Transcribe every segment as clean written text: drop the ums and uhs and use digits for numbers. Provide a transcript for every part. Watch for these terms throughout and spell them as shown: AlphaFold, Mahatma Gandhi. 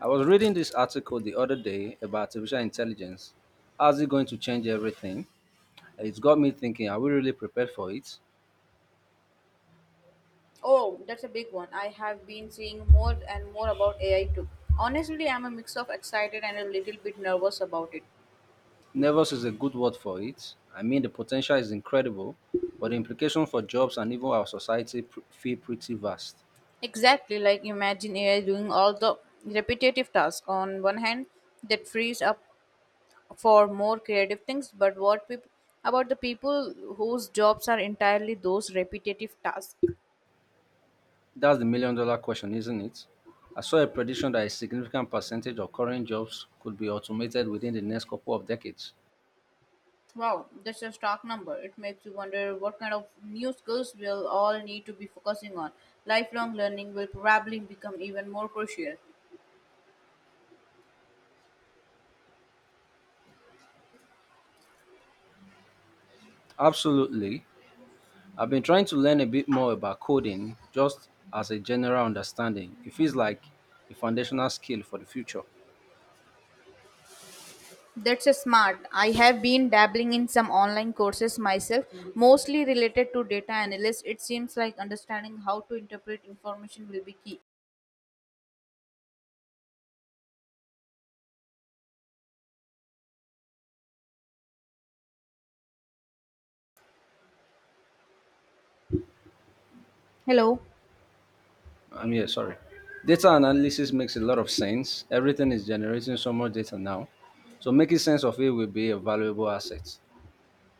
I was reading this article the other day about artificial intelligence. How's it going to change everything? It's got me thinking, are we really prepared for it? Oh, that's a big one. I have been seeing more and more about AI too. Honestly, I'm a mix of excited and a little bit nervous about it. Nervous is a good word for it. I mean, the potential is incredible, but the implication for jobs and even our society feel pretty vast. Exactly, like imagine AI doing all the repetitive tasks on one hand that frees up for more creative things, but about the people whose jobs are entirely those repetitive tasks? That's the million dollar question, isn't it? I saw a prediction that a significant percentage of current jobs could be automated within the next couple of decades. Wow, that's a stark number. It makes you wonder what kind of new skills we'll all need to be focusing on. Lifelong learning will probably become even more crucial. Absolutely. I've been trying to learn a bit more about coding just as a general understanding. It feels like a foundational skill for the future. That's a smart. I have been dabbling in some online courses myself, mostly related to data analysis. It seems like understanding how to interpret information will be key. Hello. I'm here, sorry. Data analysis makes a lot of sense. Everything is generating so much data now. So making sense of it will be a valuable asset.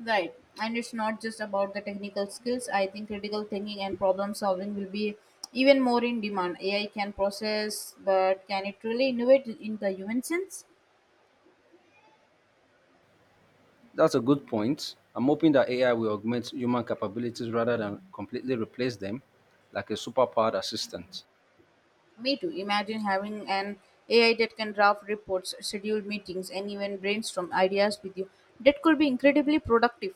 Right. And it's not just about the technical skills. I think critical thinking and problem solving will be even more in demand. AI can process, but can it really innovate in the human sense? That's a good point. I'm hoping that AI will augment human capabilities rather than completely replace them, like a superpowered assistant. Me too. Imagine having an AI that can draft reports, schedule meetings, and even brainstorm ideas with you. That could be incredibly productive.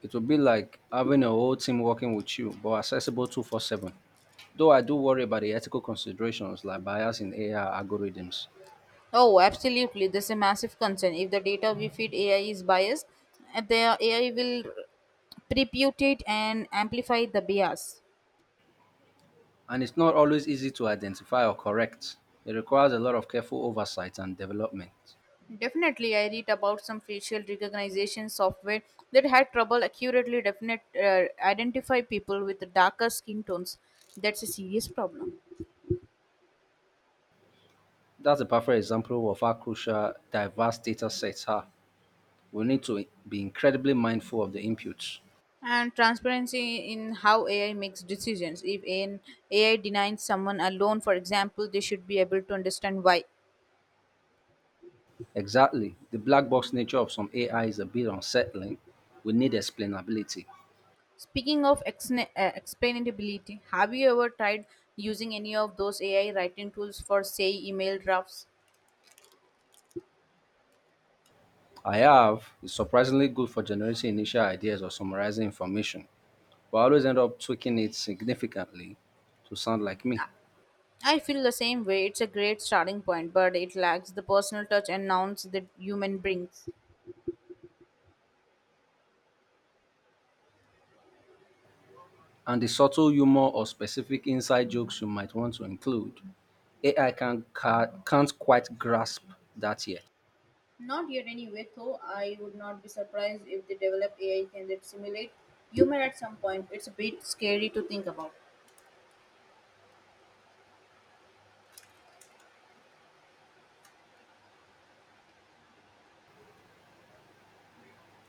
It will be like having a whole team working with you, but accessible 24/7. Though I do worry about the ethical considerations like bias in AI algorithms, Oh, absolutely. This is a massive concern. If the data we feed AI is biased, the AI will reputate and amplify the bias. and it's not always easy to identify or correct. It requires a lot of careful oversight and development. Definitely, I read about some facial recognition software that had trouble accurately definite identify people with darker skin tones. That's a serious problem. That's a perfect example of how crucial diverse data sets are. We need to be incredibly mindful of the inputs. And transparency in how AI makes decisions. If an AI denies someone a loan, for example, they should be able to understand why. Exactly. The black box nature of some AI is a bit unsettling. We need explainability. Speaking of explainability, have you ever tried using any of those AI writing tools for, say, email drafts? I have. Is surprisingly good for generating initial ideas or summarizing information, but I always end up tweaking it significantly to sound like me. I feel the same way. It's a great starting point, but it lacks the personal touch and nuance that human brings. And the subtle humor or specific inside jokes you might want to include, AI can't quite grasp that yet. Not yet, anyway, though I would not be surprised if they develop AI can that simulate humor at some point. It's a bit scary to think about.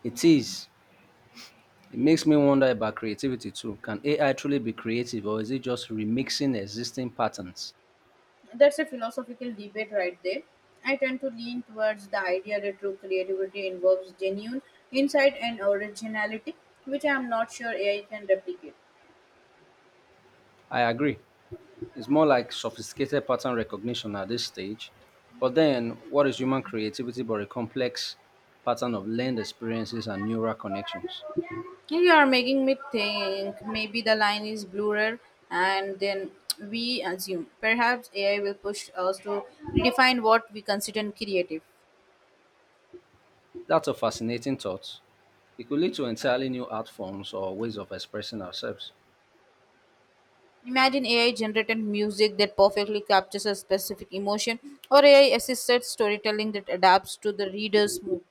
It is. It makes me wonder about creativity too. Can AI truly be creative, or is it just remixing existing patterns? That's a philosophical debate right there. I tend to lean towards the idea that true creativity involves genuine insight and originality, which I'm not sure AI can replicate. I agree. It's more like sophisticated pattern recognition at this stage. But then, what is human creativity but a complex pattern of learned experiences and neural connections? You are making me think maybe the line is bluer and then we assume. Perhaps AI will push us to redefine what we consider creative. That's a fascinating thought. It could lead to entirely new art forms or ways of expressing ourselves. Imagine AI generated music that perfectly captures a specific emotion or AI assisted storytelling that adapts to the reader's mood.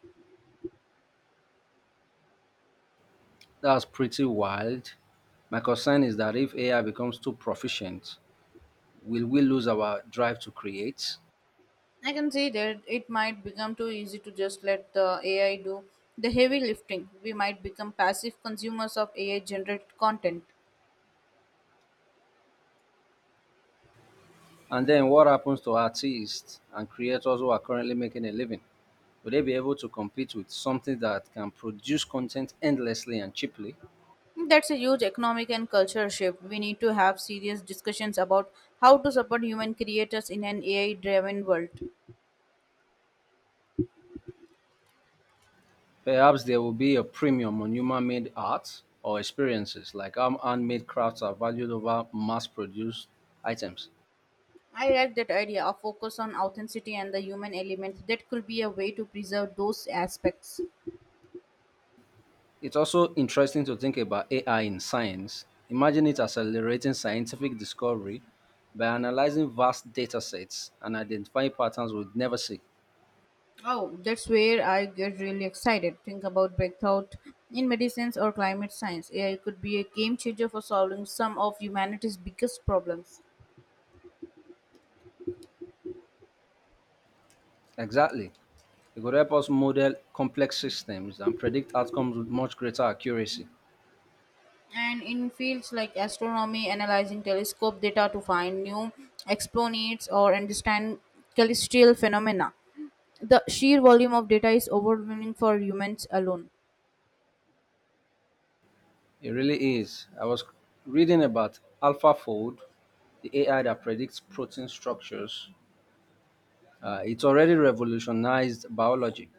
That's pretty wild. My concern is that if AI becomes too proficient, will we lose our drive to create? I can see that it might become too easy to just let the AI do the heavy lifting. We might become passive consumers of AI generated content. And then what happens to artists and creators who are currently making a living? Will they be able to compete with something that can produce content endlessly and cheaply? That's a huge economic and cultural shift. We need to have serious discussions about how to support human creators in an AI driven world. Perhaps there will be a premium on human made art or experiences, like how handmade crafts are valued over mass produced items. I like that idea of focus on authenticity and the human element. That could be a way to preserve those aspects. It's also interesting to think about AI in science. Imagine it accelerating scientific discovery by analyzing vast data sets and identifying patterns we'd never see. Oh, that's where I get really excited. Think about breakthrough in medicines or climate science. AI could be a game changer for solving some of humanity's biggest problems. Exactly. It could help us model complex systems and predict outcomes with much greater accuracy. And in fields like astronomy, analyzing telescope data to find new explanations or understand celestial phenomena. The sheer volume of data is overwhelming for humans alone. It really is. I was reading about AlphaFold, the AI that predicts protein structures. It's already revolutionized biology,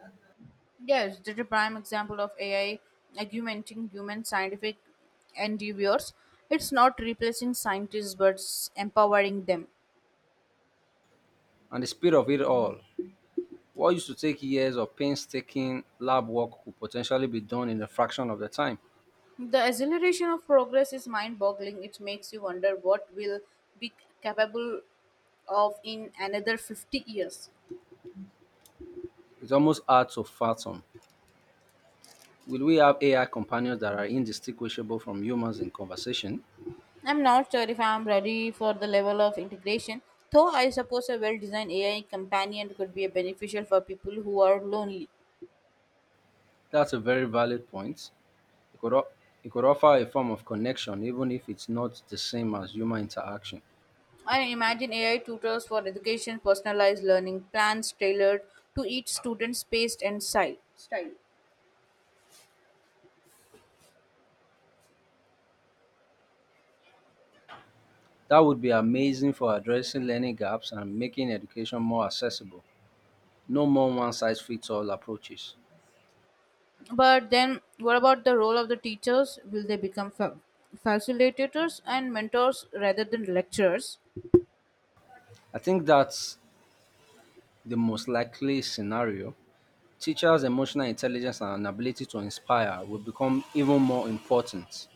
Yes, the prime example of AI augmenting human scientific endeavors. It's not replacing scientists but empowering them. and the speed of it all. What used to take years of painstaking lab work could potentially be done in a fraction of the time. The acceleration of progress is mind boggling. It makes you wonder what we'll be capable of in another 50 years. It's almost hard to fathom. Will we have AI companions that are indistinguishable from humans in conversation? I'm not sure if I'm ready for the level of integration, though I suppose a well designed AI companion could be beneficial for people who are lonely. That's a very valid point. It could, o- it could offer a form of connection, even if it's not the same as human interaction. I imagine AI tutors for education, personalized learning plans tailored to each student's pace and style. That would be amazing for addressing learning gaps and making education more accessible. No more one size fits all approaches. But then, what about the role of the teachers? Will they become facilitators and mentors rather than lecturers? I think that's the most likely scenario. Teachers' emotional intelligence and ability to inspire will become even more important.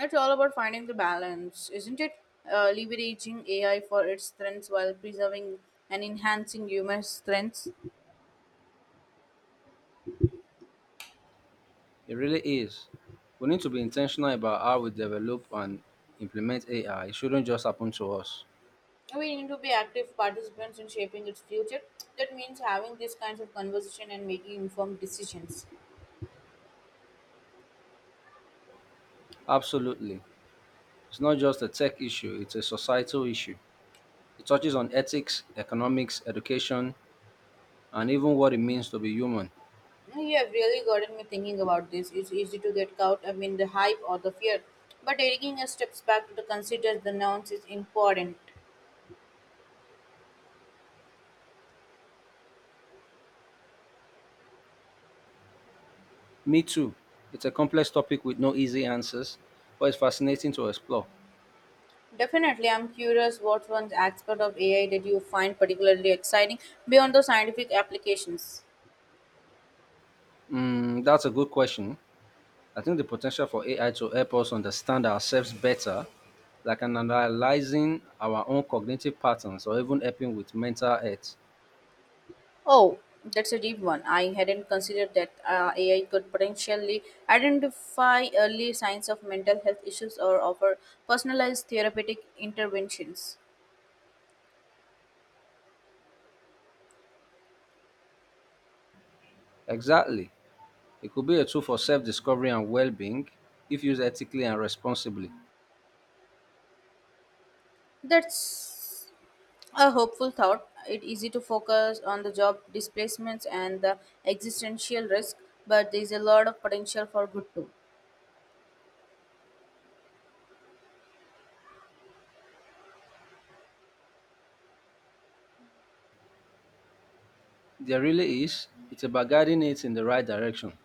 It's all about finding the balance, isn't it? Leveraging AI for its strengths while preserving and enhancing human strengths. It really is. We need to be intentional about how we develop and implement AI. It shouldn't just happen to us. We need to be active participants in shaping its future. That means having these kinds of conversation and making informed decisions. Absolutely. It's not just a tech issue, it's a societal issue. It touches on ethics, economics, education, and even what it means to be human. You have really gotten me thinking about this. It's easy to get caught up in the hype or the fear, but taking a steps back to consider the nouns is important. Me too. It's a complex topic with no easy answers, but it's fascinating to explore. Definitely, I'm curious what one aspect of AI did you find particularly exciting beyond the scientific applications. That's a good question. I think the potential for AI to help us understand ourselves better, like an analyzing our own cognitive patterns or even helping with mental health. Oh, that's a deep one. I hadn't considered that AI could potentially identify early signs of mental health issues or offer personalized therapeutic interventions. Exactly. It could be a tool for self discovery and well being, if used ethically and responsibly. That's a hopeful thought. It's easy to focus on the job displacements and the existential risk, but there's a lot of potential for good too. There really is. It's about guiding it in the right direction.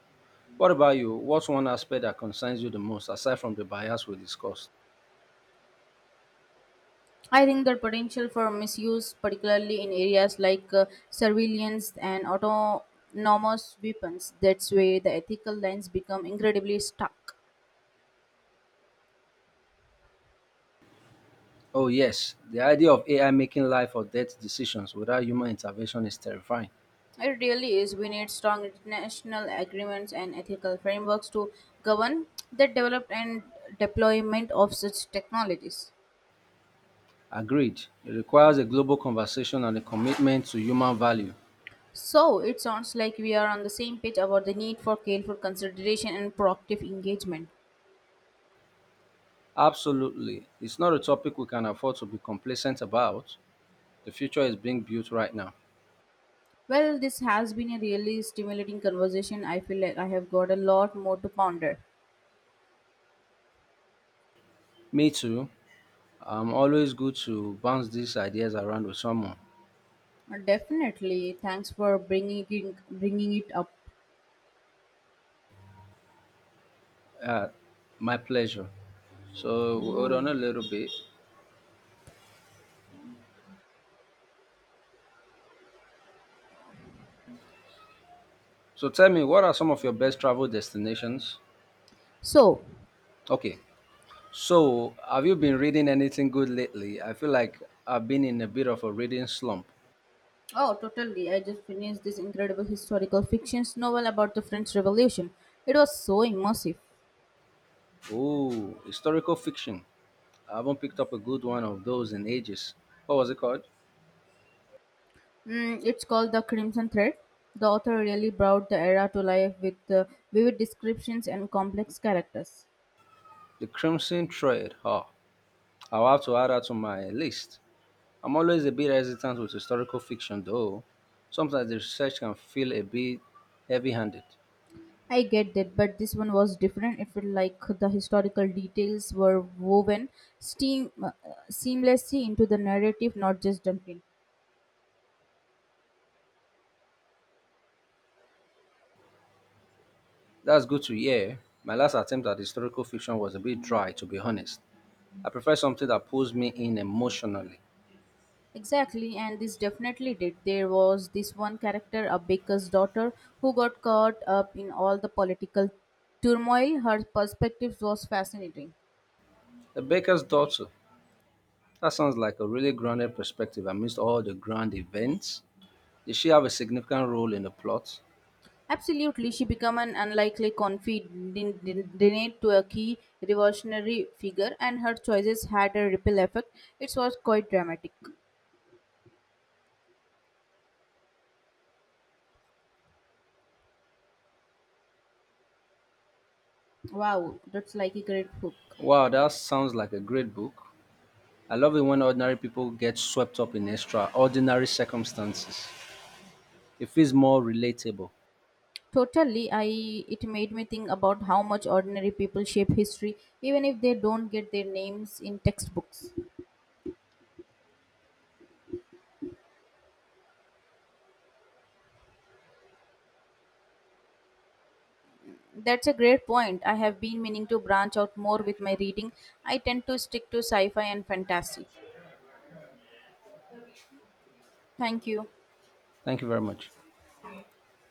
What about you? What's one aspect that concerns you the most aside from the bias we discussed? I think the potential for misuse, particularly in areas like surveillance and autonomous weapons, that's where the ethical lines become incredibly stuck. Oh, yes. The idea of AI making life or death decisions without human intervention is terrifying. It really is. We need strong international agreements and ethical frameworks to govern the development and deployment of such technologies. Agreed. It requires a global conversation and a commitment to human value. So it sounds like we are on the same page about the need for careful consideration and proactive engagement. Absolutely. It's not a topic we can afford to be complacent about. The future is being built right now. Well, this has been a really stimulating conversation. I feel like I have got a lot more to ponder. Me too. I'm always good to bounce these ideas around with someone. Definitely. Thanks for bringing it up. Uh, my pleasure. So hold on a little bit. So tell me, what are some of your best travel destinations? So, Okay. So have you been reading anything good lately? I feel like I've been in a bit of a reading slump. oh, totally. I just finished this incredible historical fiction novel about the French Revolution. It was so immersive. Oh, historical fiction. I haven't picked up a good one of those in ages. What was it called? Mm, it's called The Crimson Thread. The author really brought the era to life with vivid descriptions and complex characters. The Crimson Thread. Oh, I'll have to add that to my list. I'm always a bit hesitant with historical fiction, though. Sometimes the research can feel a bit heavy handed. I get that, but this one was different. It felt like the historical details were woven steam, uh, seamlessly into the narrative, not just dumped in. That's good to hear. My last attempt at historical fiction was a bit dry, to be honest. I prefer something that pulls me in emotionally. Exactly, and this definitely did. There was this one character, a baker's daughter, who got caught up in all the political turmoil. Her perspective was fascinating. The Baker's Daughter. That sounds like a really grounded perspective amidst all the grand events. Did she have a significant role in the plot? Absolutely, she became an unlikely confidant to a key revolutionary figure, and her choices had a ripple effect. It was quite dramatic. Wow, that's like a great book. Wow, that sounds like a great book. I love it when ordinary people get swept up in extraordinary circumstances. It feels more relatable. Totally, I it made me think about how much ordinary people shape history, even if they don't get their names in textbooks. That's a great point. I have been meaning to branch out more with my reading. I tend to stick to sci-fi and fantasy. Thank you. Thank you very much.